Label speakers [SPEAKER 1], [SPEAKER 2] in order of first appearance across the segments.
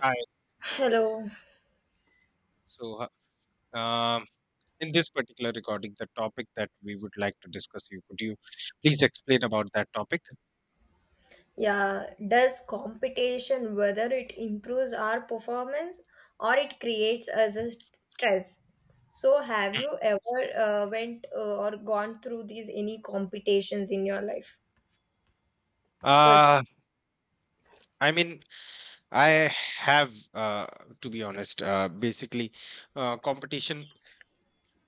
[SPEAKER 1] Hi.
[SPEAKER 2] Hello.
[SPEAKER 1] So, uh, um, in this particular recording, the topic that we would like to discuss, you could you please explain about that topic?
[SPEAKER 2] Yeah, does competition whether it improves our performance or it creates us a stress? So have
[SPEAKER 1] Mm.
[SPEAKER 2] you ever went or gone through these any competitions in your life? First,
[SPEAKER 1] Uh, I mean, I have, to be honest, basically, competition,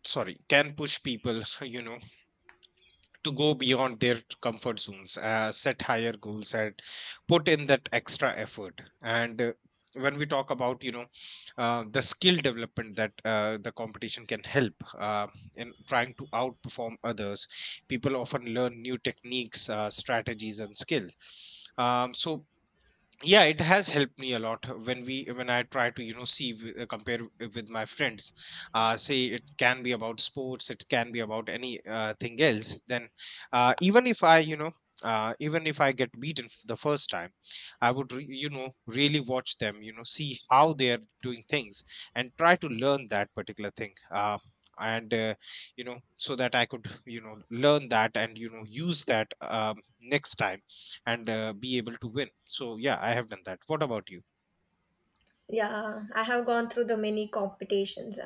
[SPEAKER 1] sorry, can push people, to go beyond their comfort zones, set higher goals, and put in that extra effort. And when we talk about, the skill development that the competition can help in trying to outperform others, people often learn new techniques, strategies, and skill. So yeah, it has helped me a lot when we when I try to compare with my friends. Say it can be about sports, it can be about any thing else. Then, uh even if i you know even if I get beaten the first time, I would really watch them, see how they are doing things, and try to learn that particular thing, and so that I could learn that and use that next time and be able to win. So yeah, I have done that. What about you?
[SPEAKER 2] yeah, I have gone through the many competitions.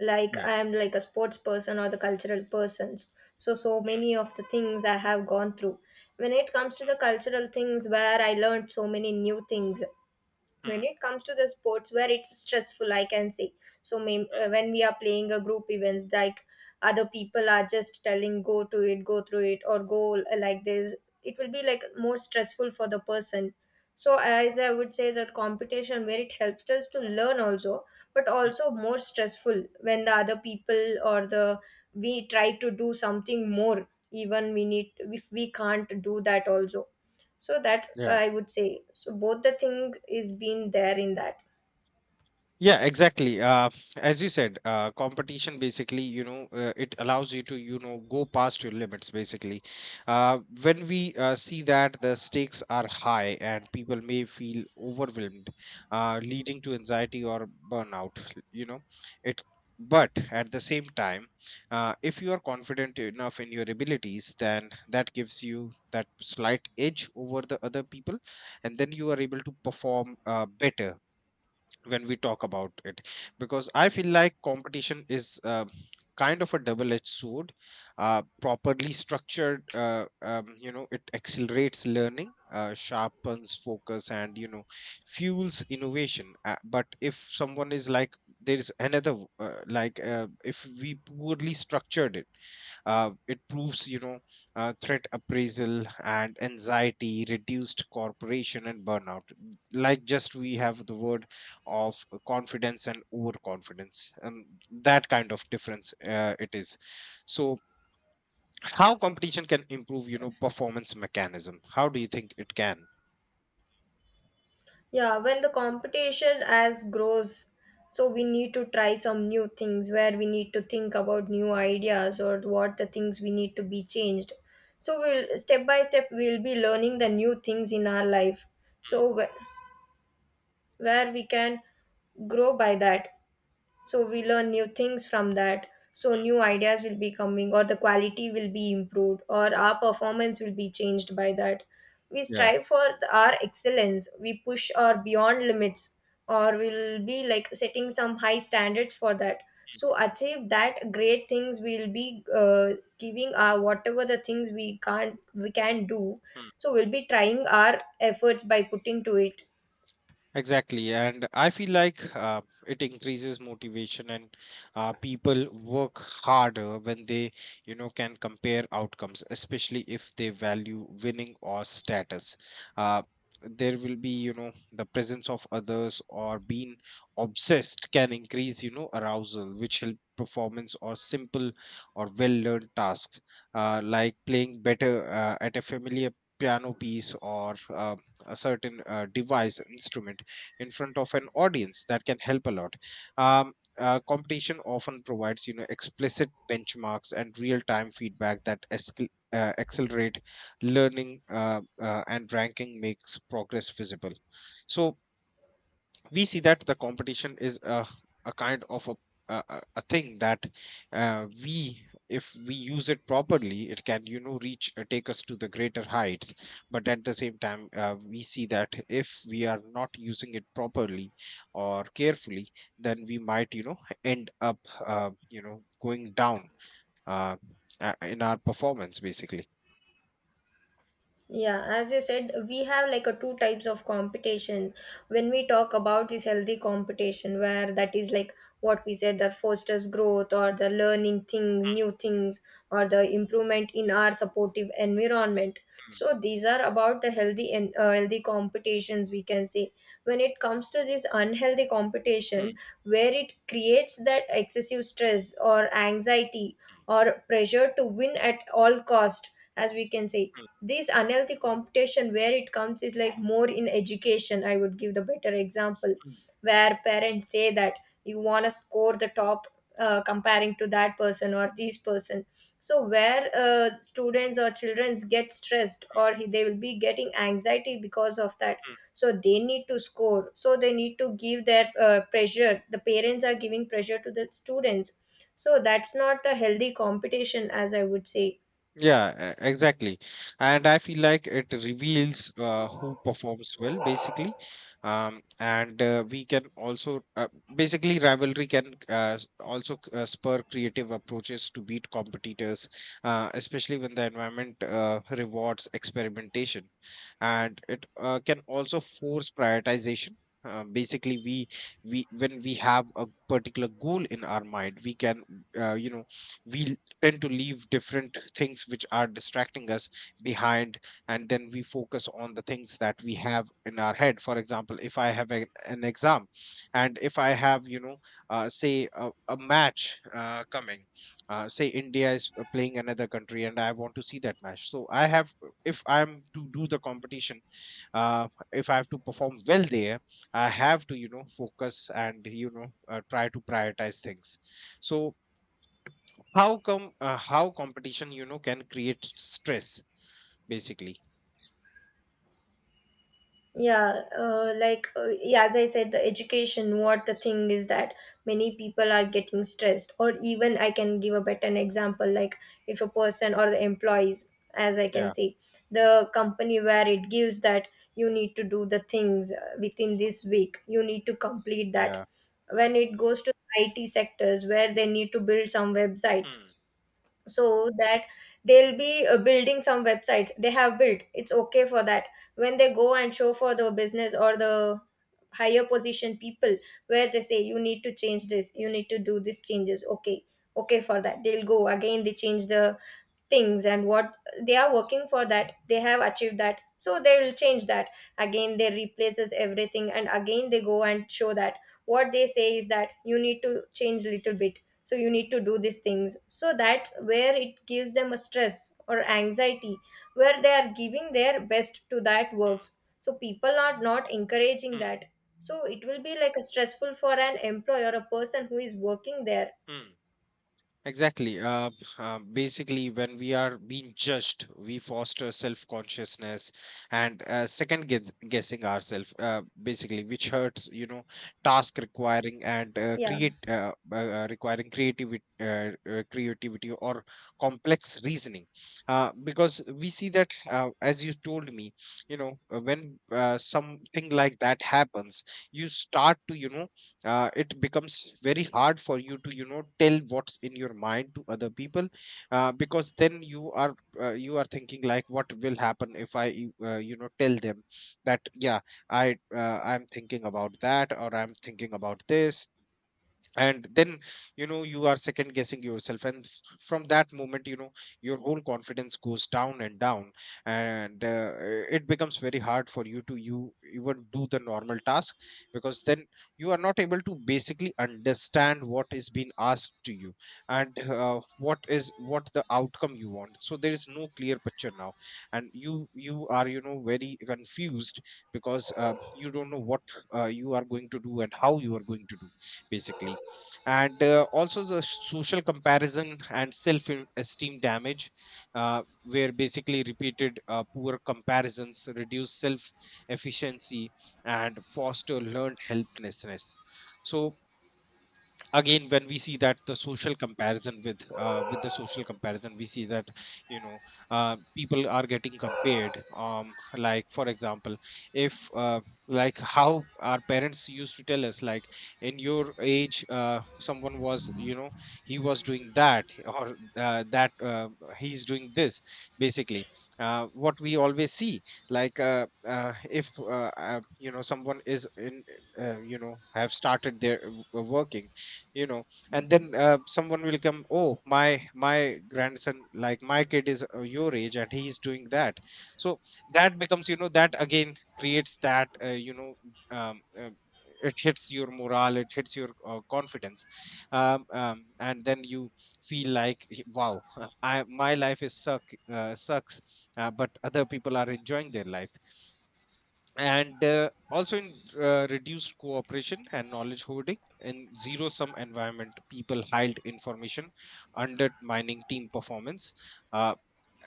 [SPEAKER 2] Like
[SPEAKER 1] Yeah.
[SPEAKER 2] I am like a sports person or the cultural person. So many of the things I have gone through. When it comes to the cultural things where I learned so many new things,
[SPEAKER 1] Mm,
[SPEAKER 2] when
[SPEAKER 1] mm,
[SPEAKER 2] it comes to the sports where it's stressful, I can say, so when we are playing a group events, like other people are just telling go to it, go through it, or go like this, it will be like more stressful for the person. So as I would say that competition where it helps us to learn also, but
[SPEAKER 1] mm.
[SPEAKER 2] also more stressful when the other people or the, we try to do something more, even we need, if we can't do that also, so that
[SPEAKER 1] Yeah.
[SPEAKER 2] I would say, so both the thing is being there in that.
[SPEAKER 1] Yeah, exactly. As you said, competition basically, it allows you to, go past your limits basically. When we see that the stakes are high and people may feel overwhelmed, leading to anxiety or burnout, you know, it. But at the same time, if you are confident enough in your abilities, then that gives you that slight edge over the other people, and then you are able to perform better when we talk about it, because I feel like competition is, kind of a double edged sword. Properly structured, it accelerates learning, sharpens focus, and fuels innovation, but if someone is like there is another w- like if we poorly structured it, it proves threat appraisal and anxiety, reduced corporation, and burnout, like just we have the word of confidence and overconfidence and that kind of difference. It is. So how competition can improve performance mechanism, how do you think it can?
[SPEAKER 2] Yeah, when the competition as grows, so we need to try some new things where we need to think about new ideas or what the things we need to be changed. So we'll step by step we'll be learning the new things in our life, so where we can grow by that, so we learn new things from that. So new ideas will be coming, or the quality will be improved, or our performance will be changed by that. We
[SPEAKER 1] Yeah.
[SPEAKER 2] strive for our excellence, we push our beyond limits, or we'll be like setting some high standards for that, so achieve that great things, we'll be giving our whatever the things we can't we can do. So we'll be trying our efforts by putting to it.
[SPEAKER 1] Exactly, and I feel like it increases motivation, and people work harder when they, can compare outcomes, especially if they value winning or status. Uh, there will be, the presence of others or being obsessed can increase, arousal, which help performance or simple or well-learned tasks, like playing better at a familiar piano piece or a certain device instrument in front of an audience, that can help a lot. um, Competition often provides explicit benchmarks and real-time feedback that accelerate learning, and ranking makes progress visible. So we see that the competition is a kind of a thing that, we if we use it properly, it can you know reach take us to the greater heights. But at the same time, we see that if we are not using it properly or carefully, then we might, end up, going down, uh, in our performance basically.
[SPEAKER 2] Yeah, as you said, we have like a two types of competition. When we talk about this healthy competition, where that is like what we said, that fosters growth or the learning thing, new things, or the improvement in our supportive environment.
[SPEAKER 1] Mm,
[SPEAKER 2] So these are about the healthy and healthy competitions we can say. When it comes to this unhealthy competition,
[SPEAKER 1] mm,
[SPEAKER 2] where it creates that excessive stress or anxiety or pressure to win at all cost, as we can say,
[SPEAKER 1] mm,
[SPEAKER 2] this unhealthy competition where it comes is like more in education, I would give the better example,
[SPEAKER 1] mm,
[SPEAKER 2] where parents say that you want to score the top comparing to that person or this person. So where students or children get stressed, or they will be getting anxiety because of that.
[SPEAKER 1] mm.
[SPEAKER 2] So they need to score, so they need to give their pressure, the parents are giving pressure to the students, so that's not the healthy competition as I would say.
[SPEAKER 1] Yeah, exactly. And I feel like it reveals who performs well, basically. And we can also, basically, rivalry can also spur creative approaches to beat competitors, especially when the environment rewards experimentation. And it can also force prioritization. Basically, we when we have a particular goal in our mind, we can, uh, you know we l- tend to leave different things which are distracting us behind. And then we focus on the things that we have in our head. For example, if I have an exam, and if I have, say a match coming, say India is playing another country, and I want to see that match. So I have, if I'm to do the competition if I have to perform well there, I have to focus and try to prioritize things. So how competition can create stress basically?
[SPEAKER 2] Yeah, yeah, as I said, the education, what the thing is that many people are getting stressed, or even I can give a better example, like if a person or the employees as I can
[SPEAKER 1] Yeah,
[SPEAKER 2] say, the company where it gives that you need to do the things within this week, you need to complete that.
[SPEAKER 1] yeah.
[SPEAKER 2] When it goes to IT sectors where they need to build some websites,
[SPEAKER 1] Hmm.
[SPEAKER 2] so that they'll be building some websites, they have built, it's okay for that. When they go and show for the business or the higher position people, where they say you need to change this, you need to do these changes, okay, okay, for that they'll go again, they change the things, and what they are working for that they have achieved that, so they'll change that, again they replaces everything and again they go and show that, what they say is that you need to change a little bit, so you need to do these things, so that where it gives them a stress or anxiety, where they are giving their best to that
[SPEAKER 1] Hmm.
[SPEAKER 2] works. So people are not encouraging
[SPEAKER 1] Hmm.
[SPEAKER 2] that, so it will be like a stressful for an employee or a person who is working there.
[SPEAKER 1] Hmm. Exactly. Basically, when we are being judged, we foster self-consciousness and, second guessing ourselves, basically, which hurts, task requiring and
[SPEAKER 2] Yeah.
[SPEAKER 1] create requiring creativity or complex reasoning. Because we see that, as you told me, when something like that happens, you start to, you know, it becomes very hard for you to tell what's in your mind to other people, because then you are thinking like what will happen if I tell them that, yeah, I'm thinking about that or I'm thinking about this. And then, you are second guessing yourself. And from that moment, your whole confidence goes down and down. And it becomes very hard for you to you even do the normal task, because then you are not able to basically understand what is being asked to you, and what the outcome you want. So there is no clear picture now, and you are very confused, because you don't know what you are going to do and how you are going to do, basically. And also the social comparison and self esteem damage, where basically repeated poor comparisons reduce self efficiency and foster learned helplessness. So, again, when we see that the social comparison, with the social comparison, we see that, you know people are getting compared. Like, for example, if like how our parents used to tell us, like, in your age, someone was you know he was doing that, or that he's doing this basically. What we always see, like, if someone is in you know have started their working. you know and then someone will come: oh, my grandson, like my kid is your age and he's doing that. So that again creates that. Um, uh, it hits your morale, it hits your confidence. And then you feel like, wow, I my life is suck sucks. But other people are enjoying their life. And also, in reduced cooperation and knowledge hoarding, in zero sum environment, people hide information, undermining team performance. uh,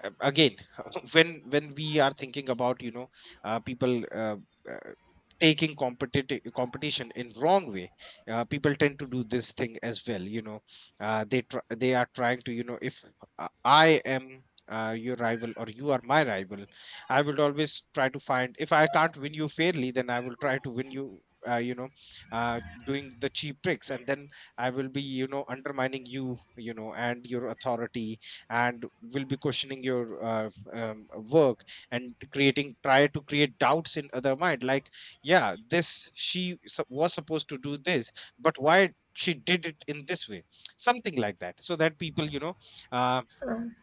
[SPEAKER 1] Again, when we are thinking about, people uh, taking competitive competition in wrong way, people tend to do this thing as well, they are trying to, if I am your rival or you are my rival, I will always try to find, if I can't win you fairly, then I will try to win you, you know uh, doing the cheap tricks. And then I will be, undermining you, you know and your authority. And will be questioning your work, and creating try to create doubts in other mind like, yeah, this she was supposed to do this, but why she did it in this way, something like that. So that people, uh,
[SPEAKER 2] Um,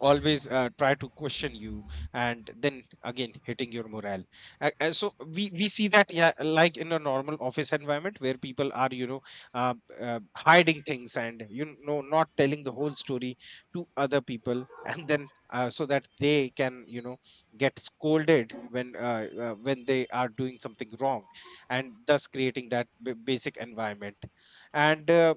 [SPEAKER 1] always try to question you, and then again hitting your morale. So we see that, yeah, like in a normal office environment where people are, hiding things and, not telling the whole story to other people. And then, so that they can, get scolded when, when they are doing something wrong, and thus creating that basic environment. And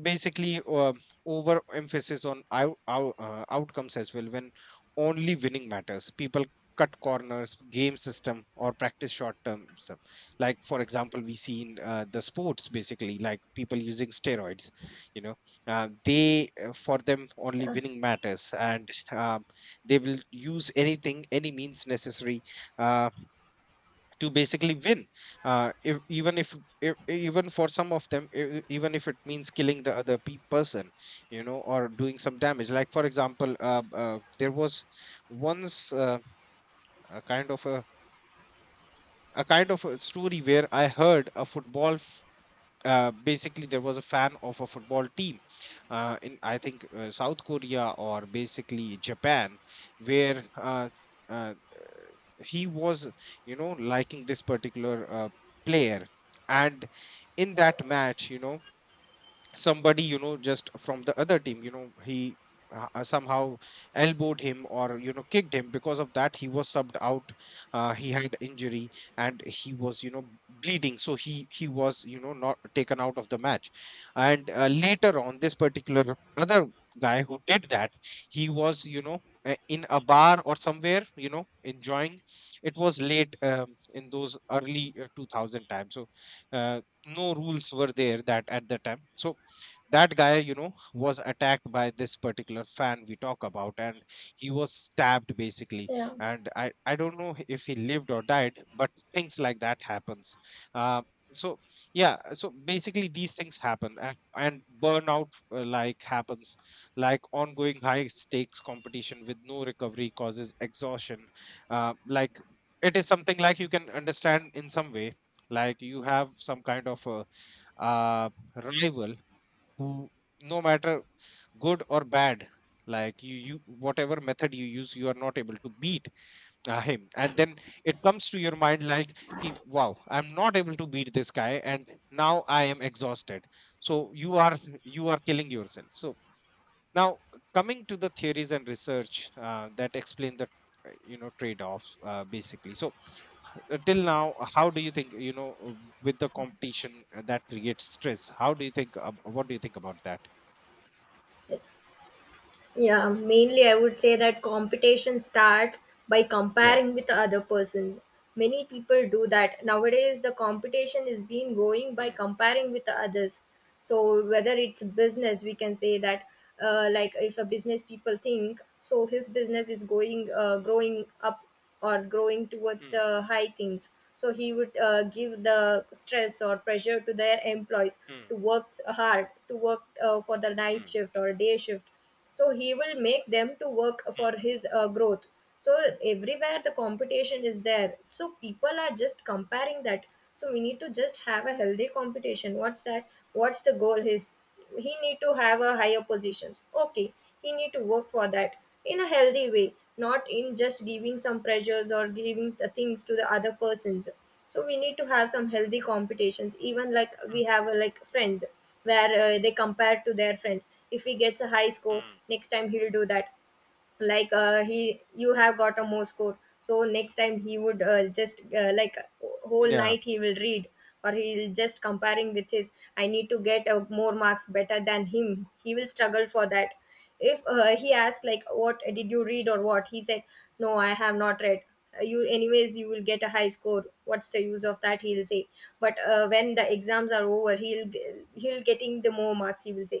[SPEAKER 1] basically, over emphasis on outcomes as well. When only winning matters, people cut corners, game system, or practice short term stuff, like for example we see in the sports basically, like people using steroids, you know they for them only
[SPEAKER 2] yeah,
[SPEAKER 1] winning matters. And they will use anything, any means necessary, uh, to basically win. If, even if Even for some of them, even if it means killing the other person, or doing some damage. Like for example, there was once, a kind of a, a kind of a story where I heard a football Basically, there was a fan of a football team in I think South Korea or basically Japan where uh, he was liking this particular player, and in that match, somebody, just from the other team, he somehow elbowed him or kicked him. Because of that, he was subbed out. He had injury and he was, bleeding, so he was, not taken out of the match. And later on, this particular other guy who did that, he was, in a bar or somewhere, enjoying. It was late, in those early 2000 times, so uh, no rules were there that at the time. So that guy, was attacked by this particular fan we talk about, and he was stabbed basically.
[SPEAKER 2] yeah.
[SPEAKER 1] And I don't know if he lived or died, but things like that happens. uh, so, yeah, so basically these things happen. And burnout like happens. Like, ongoing high stakes competition with no recovery causes exhaustion. Like, it is something like you can understand in some way. Like, you have some kind of a uh, rival who, no matter good or bad, like you whatever method you use, you are not able to beat him. And then it comes to your mind like, "Ki- wow, I'm not able to beat this guy and now I am exhausted." So you are, you are killing yourself. So now, coming to the theories and research that explain the trade-offs basically. So till now, how do you think, with the competition that creates stress, how do you think what do you think about that?
[SPEAKER 2] Yeah, mainly I would say that competition starts by
[SPEAKER 1] Yeah.
[SPEAKER 2] comparing with other persons. Many people do that. Nowadays, the competition is being going by comparing with the others. So, whether it's business, we can say that, like if a business people think, so his business is going, growing up or growing towards
[SPEAKER 1] Mm,
[SPEAKER 2] the high things. So, he would give the stress or pressure to their employees
[SPEAKER 1] mm,
[SPEAKER 2] to work hard, to work for the night
[SPEAKER 1] mm,
[SPEAKER 2] shift or day shift, so he will make them to work
[SPEAKER 1] mm,
[SPEAKER 2] for his growth. So everywhere the competition is there, so people are just comparing that. So we need to just have a healthy competition, what's that, what's the goal his, he need to have a higher positions, okay, he need to work for that, in a healthy way, not in just giving some pressures or giving the things to the other persons. So we need to have some healthy competitions, even like we have like friends, where they compare to their friends. If he gets a high score,
[SPEAKER 1] mm.
[SPEAKER 2] next time he'll do that, like he, you have got a more score, so next time he would just like whole
[SPEAKER 1] Yeah.
[SPEAKER 2] night he will read, or he'll just comparing with his, I need to get more marks better than him, he will struggle for that. If he asked like what did you read, or what, he said no, I have not read. You anyways you will get a high score, what's the use of that, he'll say. But when the exams are over, he'll, he'll getting the more marks, he will say,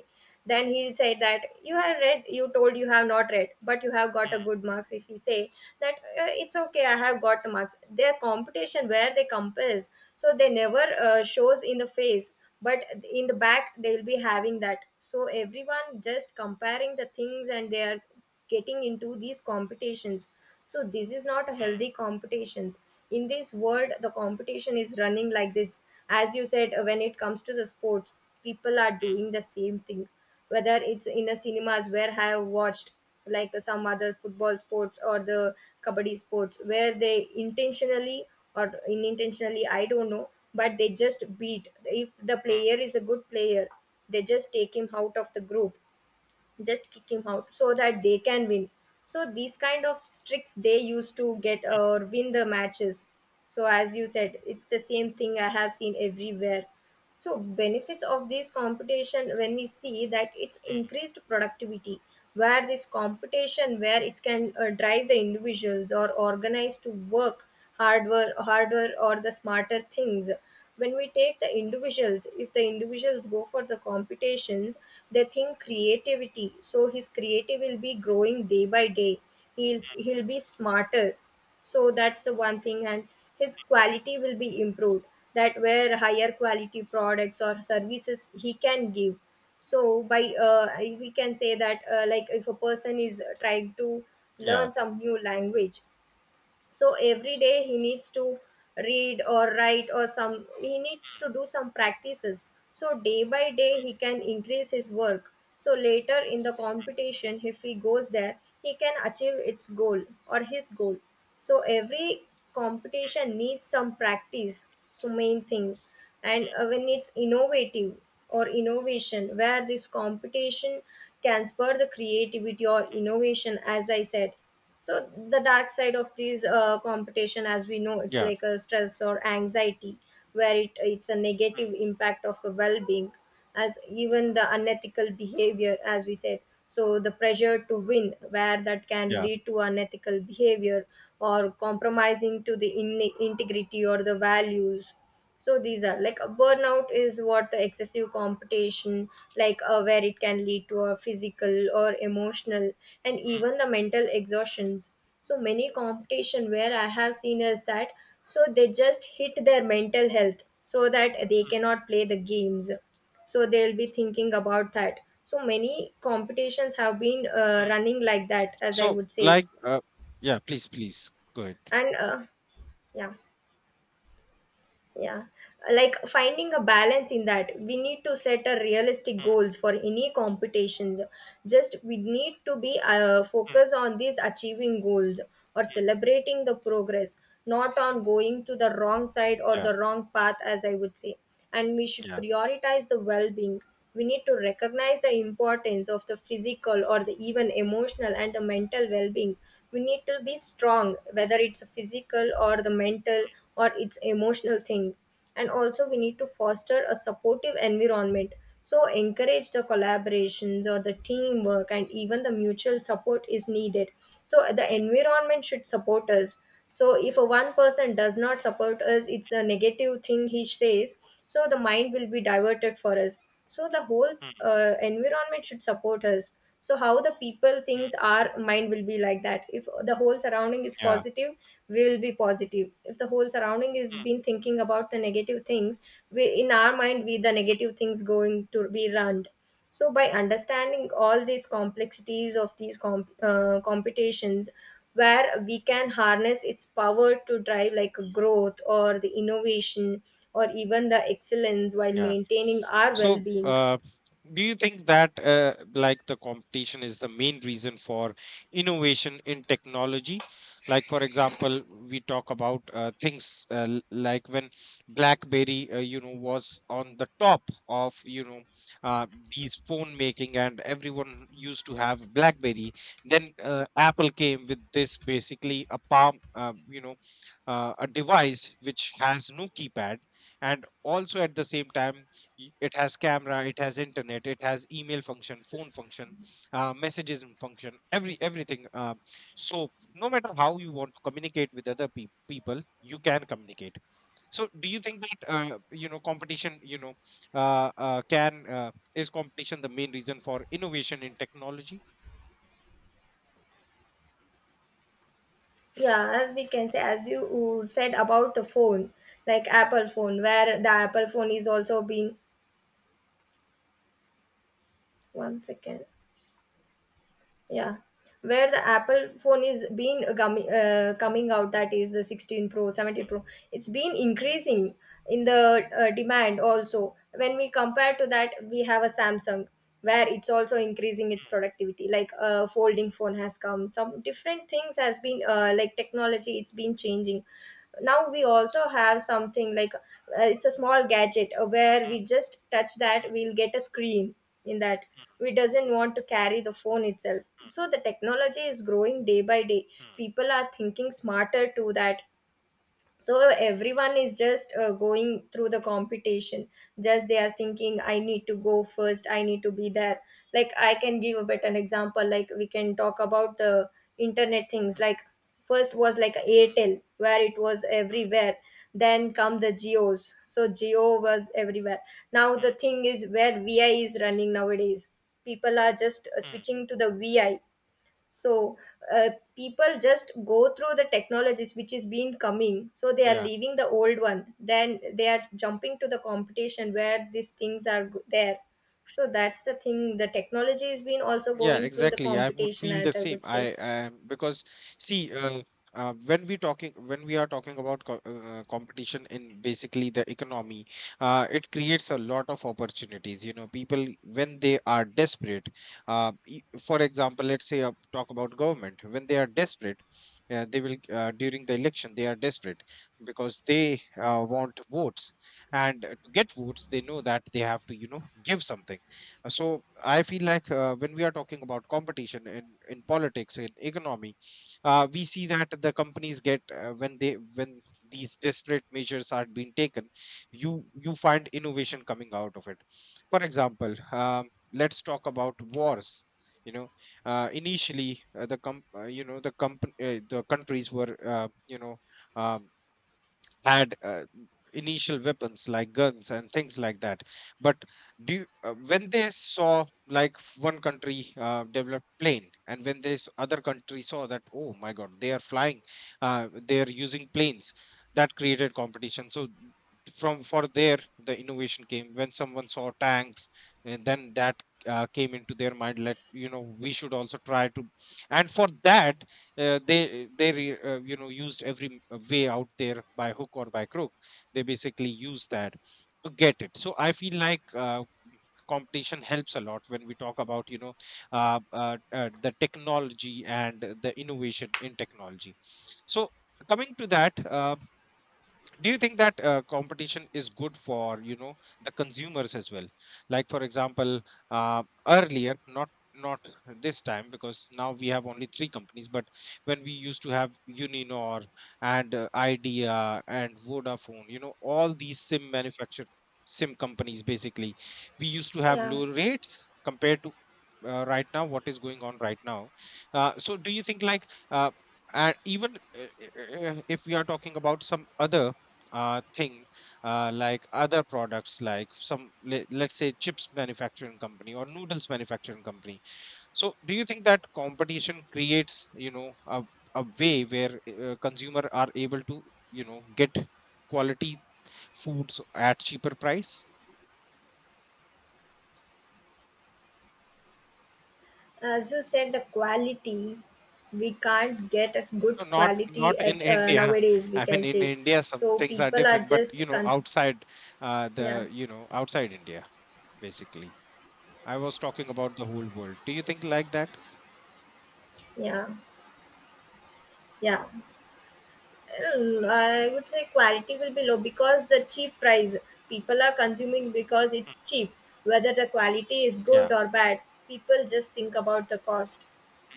[SPEAKER 2] then he said that you have read, you told you have not read but you have got a
[SPEAKER 1] Mm,
[SPEAKER 2] good marks, if he say that, it's okay, I have got marks, their competition where they compares. So they never shows in the face, but in the back they will be having that. So everyone just comparing the things and they are getting into these competitions, so this is not a
[SPEAKER 1] mm,
[SPEAKER 2] healthy competitions. In this world the competition is running like this. As you said, when it comes to the sports, people are
[SPEAKER 1] mm,
[SPEAKER 2] doing the same thing, whether it's in a cinemas where I have watched, like some other football sports or the kabaddi sports, where they intentionally or unintentionally, I don't know, but they just beat, if the
[SPEAKER 1] mm,
[SPEAKER 2] player is a good player, they just take him out of the group, just kick him out so that they can win. So these kind of tricks they used to get
[SPEAKER 1] mm,
[SPEAKER 2] or win the matches. So as you said, it's the same thing I have seen everywhere. So benefits of this competition, when we see that, it's
[SPEAKER 1] mm.
[SPEAKER 2] increased productivity, where this competition where it can drive the individuals or organize to work harder or the smarter things. When we take the individuals, if the individuals go for the competitions, they think creativity, so his creative will be growing day by day, he'll be smarter. So that's the one thing, and his quality will be improved, that where higher quality products or services he can give. So by we can say that like if a person is trying to
[SPEAKER 1] Yeah.
[SPEAKER 2] learn some new language, so every day he needs to read or write, or some he needs to
[SPEAKER 1] Mm,
[SPEAKER 2] do some practices, so day by day he can increase his work, so later in the competition if he goes there he can achieve its goal or his goal. So every competition needs some practice, so main thing. And when it's innovative or innovation, where this competition can spur the creativity or
[SPEAKER 1] mm, mm,
[SPEAKER 2] innovation as I said. So the dark side of these competition, as we know, it's
[SPEAKER 1] yeah.
[SPEAKER 2] like a stress or anxiety, where it's a negative
[SPEAKER 1] Mm,
[SPEAKER 2] impact of a well-being, as even the unethical behavior as we said. So the pressure to win, where that can
[SPEAKER 1] yeah.
[SPEAKER 2] lead to unethical behavior, or compromising to the integrity or the values. So these are like a burnout is what the excessive competition, like where it can lead to a physical or emotional and
[SPEAKER 1] Mm,
[SPEAKER 2] even the mental exhaustions. So many competition where I have seen is that, so they just hit their mental health so that they
[SPEAKER 1] mm,
[SPEAKER 2] cannot play the games, so they'll be thinking about that. So many competitions have been
[SPEAKER 1] mm.
[SPEAKER 2] running like that as I
[SPEAKER 1] So,
[SPEAKER 2] would say.
[SPEAKER 1] yeah, please, please, go ahead.
[SPEAKER 2] And yeah, yeah, like finding a balance in that, we need to set a realistic
[SPEAKER 1] Mm,
[SPEAKER 2] goals for any competitions, just we need to be
[SPEAKER 1] mm, mm,
[SPEAKER 2] focus on these achieving goals or
[SPEAKER 1] Yeah.
[SPEAKER 2] celebrating the progress, not on going to the wrong side or
[SPEAKER 1] Yeah,
[SPEAKER 2] the wrong path as I would say. And we should
[SPEAKER 1] yeah,
[SPEAKER 2] prioritize the well being. We need to recognize the importance of the physical or the even emotional and the mental well being. We need to be strong, whether it's a physical or the mental or it's emotional thing. And also, we need to foster a supportive environment. So, encourage the collaborations or the teamwork, and even the mutual support is needed. So, the environment should support us. So if a one person does not support us, it's a negative thing he says, so the mind will be diverted for us. So the whole
[SPEAKER 1] mm,
[SPEAKER 2] environment should support us. So how the people
[SPEAKER 1] mm,
[SPEAKER 2] things, our mind will be like that. If the whole surrounding is
[SPEAKER 1] yeah,
[SPEAKER 2] positive, we will be positive. If the whole surrounding is
[SPEAKER 1] mm.
[SPEAKER 2] been thinking about the negative things, we in our mind we the negative things going to be run. So, by understanding all these complexities of these computations, where we can harness its power to drive like growth or the innovation or even the excellence while
[SPEAKER 1] Yeah.
[SPEAKER 2] maintaining our
[SPEAKER 1] So,
[SPEAKER 2] well-being.
[SPEAKER 1] do you think that like the competition is the main reason for innovation in technology? Like, for example, we talk about things like when BlackBerry, was on the top of, uh, these phone making, and everyone used to have BlackBerry. Then Apple came with this, basically a palm, a device which has no keypad, and also at the same time, it has camera, it has internet, it has email function, phone function, messages and function, everything. So no matter how you want to communicate with other peop people, you can communicate. So, do you think that competition, you know can is competition the main reason for innovation in technology?
[SPEAKER 2] Yeah, as we can say, as you said about the phone, like Apple phone, where the Apple phone is also being one second. Yeah, where the Apple phone is been coming out, that is the 16 pro, 17 pro, it's been increasing in the demand. Also when we compare to that, we have a Samsung where it's also increasing its
[SPEAKER 1] Mm,
[SPEAKER 2] productivity, like a folding phone has come, some different things has been
[SPEAKER 1] mm,
[SPEAKER 2] like technology, it's been changing. Now we also have something like it's a small gadget, where
[SPEAKER 1] mm,
[SPEAKER 2] we just touch that,
[SPEAKER 1] mm,
[SPEAKER 2] we'll get a screen in that.
[SPEAKER 1] mm,
[SPEAKER 2] We doesn't want to carry the phone itself, so the technology is growing day by day. People are thinking smarter to that. So everyone is just going through the competition. Just they are thinking, I need to go first, I need to be there. Like I can give a better example, like we can talk about the internet things,
[SPEAKER 1] mm, mm,
[SPEAKER 2] like first was like Airtel, where it was everywhere. Then come the Geos, so Geo was everywhere. Now
[SPEAKER 1] mm, mm,
[SPEAKER 2] the
[SPEAKER 1] mm,
[SPEAKER 2] thing is where Vi is running nowadays. People are just
[SPEAKER 1] mm, mm, mm.
[SPEAKER 2] switching to the Vi. So uh, people just go through the technologies which is been coming, so they are
[SPEAKER 1] Yeah.
[SPEAKER 2] leaving the old one, then they are jumping to the competition where these things are there. So that's the thing, the technology is been also
[SPEAKER 1] Yeah,
[SPEAKER 2] going through the
[SPEAKER 1] exactly. I would
[SPEAKER 2] competition,
[SPEAKER 1] feel the
[SPEAKER 2] as I
[SPEAKER 1] same.
[SPEAKER 2] would say.
[SPEAKER 1] I Because see, when we are talking about co competition in basically the economy, it creates a lot of opportunities. You know, people when they are desperate, for example, let's say talk about government. When they are desperate, they will, during the election, they are desperate because they want votes. And to get votes, they know that they have to, give something. So I feel like when we are talking about competition in politics, in economy, we see that the companies get when these desperate measures are being taken, you find innovation coming out of it. For example, let's talk about wars. You know, initially the com- you know the company the countries were you know um had initial weapons like guns and things like that. But do you, when they saw like one country developed plane, and when this other country saw that, oh my god, they are flying, they are using planes. That created competition. So from, for there, the innovation came when someone saw tanks. And then that came into their mind, let, we should also try to. And for that, they used every way out there, by hook or by crook, they basically use that to get it. So I feel like competition helps a lot when we talk about, the technology and the innovation in technology. So coming to that, do you think that competition is good for, the consumers as well? Like for example, earlier, not not this time because now we have only three companies, but when we used to have Uninor and Idea and Vodafone, all these sim companies basically, we used to have
[SPEAKER 2] Yeah,
[SPEAKER 1] low rates compared to right now, what is going on right now. So do you think like uh, and even uh, if we are talking about some other thing, like other products, like some let's say chips manufacturing company or noodles manufacturing company. So do you think that competition creates, a way where consumer are able to, get quality foods at cheaper price?
[SPEAKER 2] as you said, the quality we can't get a good
[SPEAKER 1] No, not
[SPEAKER 2] quality
[SPEAKER 1] not in
[SPEAKER 2] at
[SPEAKER 1] India.
[SPEAKER 2] nowadays, we
[SPEAKER 1] I mean,
[SPEAKER 2] can
[SPEAKER 1] in
[SPEAKER 2] say.
[SPEAKER 1] India some
[SPEAKER 2] So
[SPEAKER 1] things are
[SPEAKER 2] people are
[SPEAKER 1] different, but
[SPEAKER 2] just
[SPEAKER 1] you know, outside, the
[SPEAKER 2] yeah,
[SPEAKER 1] you know, outside India basically, I was talking about the whole world, do you think like that?
[SPEAKER 2] yeah yeah. Mm, I would say quality will be low because the cheap price, people are consuming because
[SPEAKER 1] Mm,
[SPEAKER 2] it's cheap. Whether the quality is
[SPEAKER 1] yeah.
[SPEAKER 2] good or bad, people just think about the cost,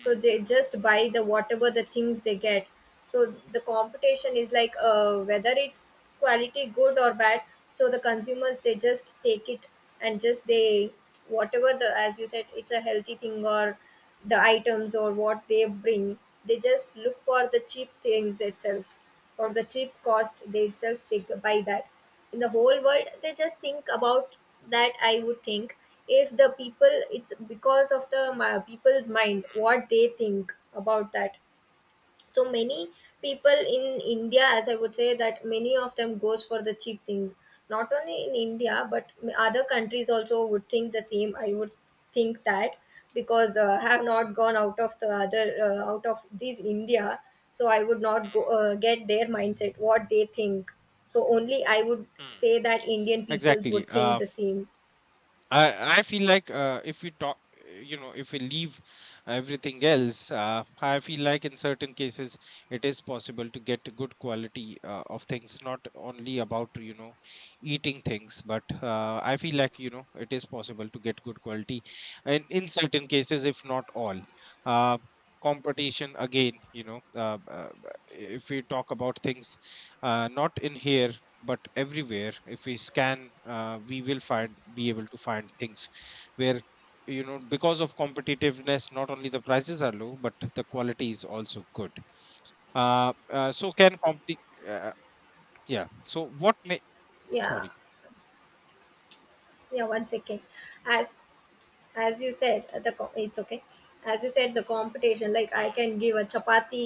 [SPEAKER 2] so they just buy the whatever the things they get. So the competition is like whether it's quality good or bad, so the consumers they just take it and just they whatever the, as you said, it's a healthy thing or the items or what they bring, they just look for the cheap things itself or the cheap cost they itself think by that. In the whole world they just think about that, I would think. If the people, it's because of the people's mind what they think about that. So many people in India, as I would say, that many of them goes for the cheap things, not only in India but other countries also would think the same, I would think that. Because I have not gone out of the other out of this India, so I would not go get their mindset what they think. So only I would
[SPEAKER 1] Mm,
[SPEAKER 2] say that Indian peoples
[SPEAKER 1] exactly.
[SPEAKER 2] would think
[SPEAKER 1] Uh,
[SPEAKER 2] the same.
[SPEAKER 1] I I feel like if we talk, you know, if we leave everything else, I feel like in certain cases it is possible to get a good quality of things, not only about, eating things, but I feel like, it is possible to get good quality, and in certain cases, if not all. Uh, Competition again, if we talk about things, not in here, but everywhere. If we scan we will find be able to find things where, because of competitiveness, not only the prices are low but the quality is also good. So can compete uh, yeah, so what may,
[SPEAKER 2] Yeah,
[SPEAKER 1] sorry.
[SPEAKER 2] yeah, one second. As as you said the it's okay, as you said the competition, like I
[SPEAKER 1] Mm,
[SPEAKER 2] can give a chapati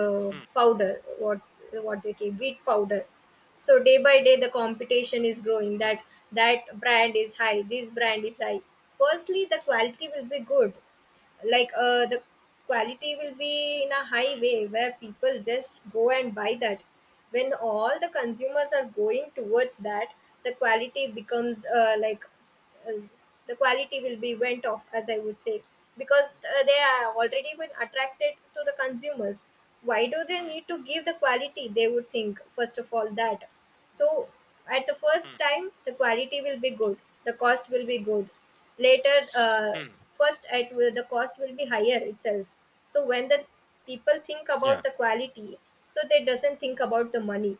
[SPEAKER 1] mm,
[SPEAKER 2] powder, what they say, wheat powder. So day by day the competition is growing,
[SPEAKER 1] mm,
[SPEAKER 2] that that brand is high, this brand
[SPEAKER 1] mm,
[SPEAKER 2] is high. Firstly, the quality will be good, like the quality will be in a high way where people just go and buy that. When all the consumers are going towards that, the quality becomes uh, the quality will be went off, as I would say. Because they are already been attracted to the consumers, why do they
[SPEAKER 1] mm,
[SPEAKER 2] need to give the quality, they would think first of all that. So at the first
[SPEAKER 1] mm,
[SPEAKER 2] time, the quality will be good, the cost will be good. Later uh,
[SPEAKER 1] mm.
[SPEAKER 2] first at will the cost will be higher itself. So when the people think
[SPEAKER 1] Yeah.
[SPEAKER 2] about the quality, so they doesn't think about the money.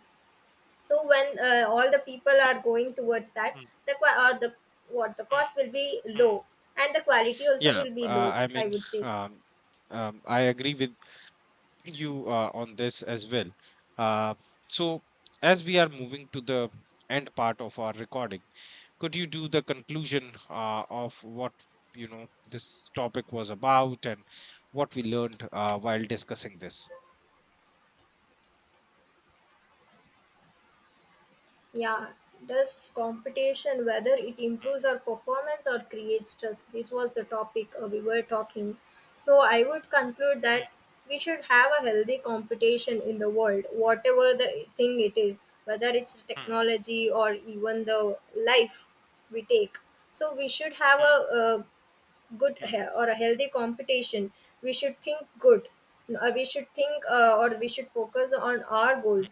[SPEAKER 2] So when all the people are going towards that,
[SPEAKER 1] Mm,
[SPEAKER 2] the or the what, the
[SPEAKER 1] mm,
[SPEAKER 2] cost will be low
[SPEAKER 1] mm.
[SPEAKER 2] and the quality also
[SPEAKER 1] Yeah,
[SPEAKER 2] will be low,
[SPEAKER 1] I
[SPEAKER 2] I
[SPEAKER 1] mean,
[SPEAKER 2] would say.
[SPEAKER 1] um, I agree with you on this as well. Uh, so, as we are moving to the end part of our recording, could you do the conclusion of what, this topic was about and what we learned while discussing this?
[SPEAKER 2] Yeah, does competition whether it improves our performance or creates stress, this was the topic we were talking. So I would conclude
[SPEAKER 1] Mm,
[SPEAKER 2] that we should have a healthy competition in the world, whatever the thing it is, whether it's
[SPEAKER 1] mm,
[SPEAKER 2] technology or even the life we take. So we should have
[SPEAKER 1] mm,
[SPEAKER 2] a good
[SPEAKER 1] mm, mm,
[SPEAKER 2] or a healthy competition. We should think good. We should think or we should focus on our goals.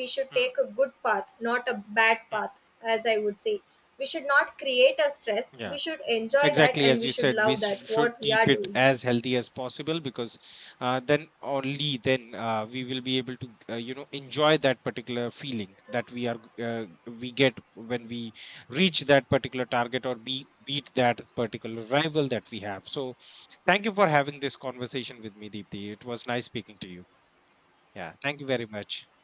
[SPEAKER 2] We should
[SPEAKER 1] mm, mm,
[SPEAKER 2] take a good path, not a bad
[SPEAKER 1] mm.
[SPEAKER 2] path, as I would say. We should not create a stress, we
[SPEAKER 1] Yeah.
[SPEAKER 2] should enjoy that
[SPEAKER 1] Exactly, as
[SPEAKER 2] and
[SPEAKER 1] you
[SPEAKER 2] we should
[SPEAKER 1] said,
[SPEAKER 2] love
[SPEAKER 1] we
[SPEAKER 2] that
[SPEAKER 1] should
[SPEAKER 2] what we are
[SPEAKER 1] keep it
[SPEAKER 2] doing.
[SPEAKER 1] as healthy as possible because then only then we will be able to enjoy that particular feeling that we are we get when we reach that particular target or be beat that particular rival that we have. So, thank you for having this conversation with me, Deepthi. It was nice speaking to you. Yeah, thank you very much.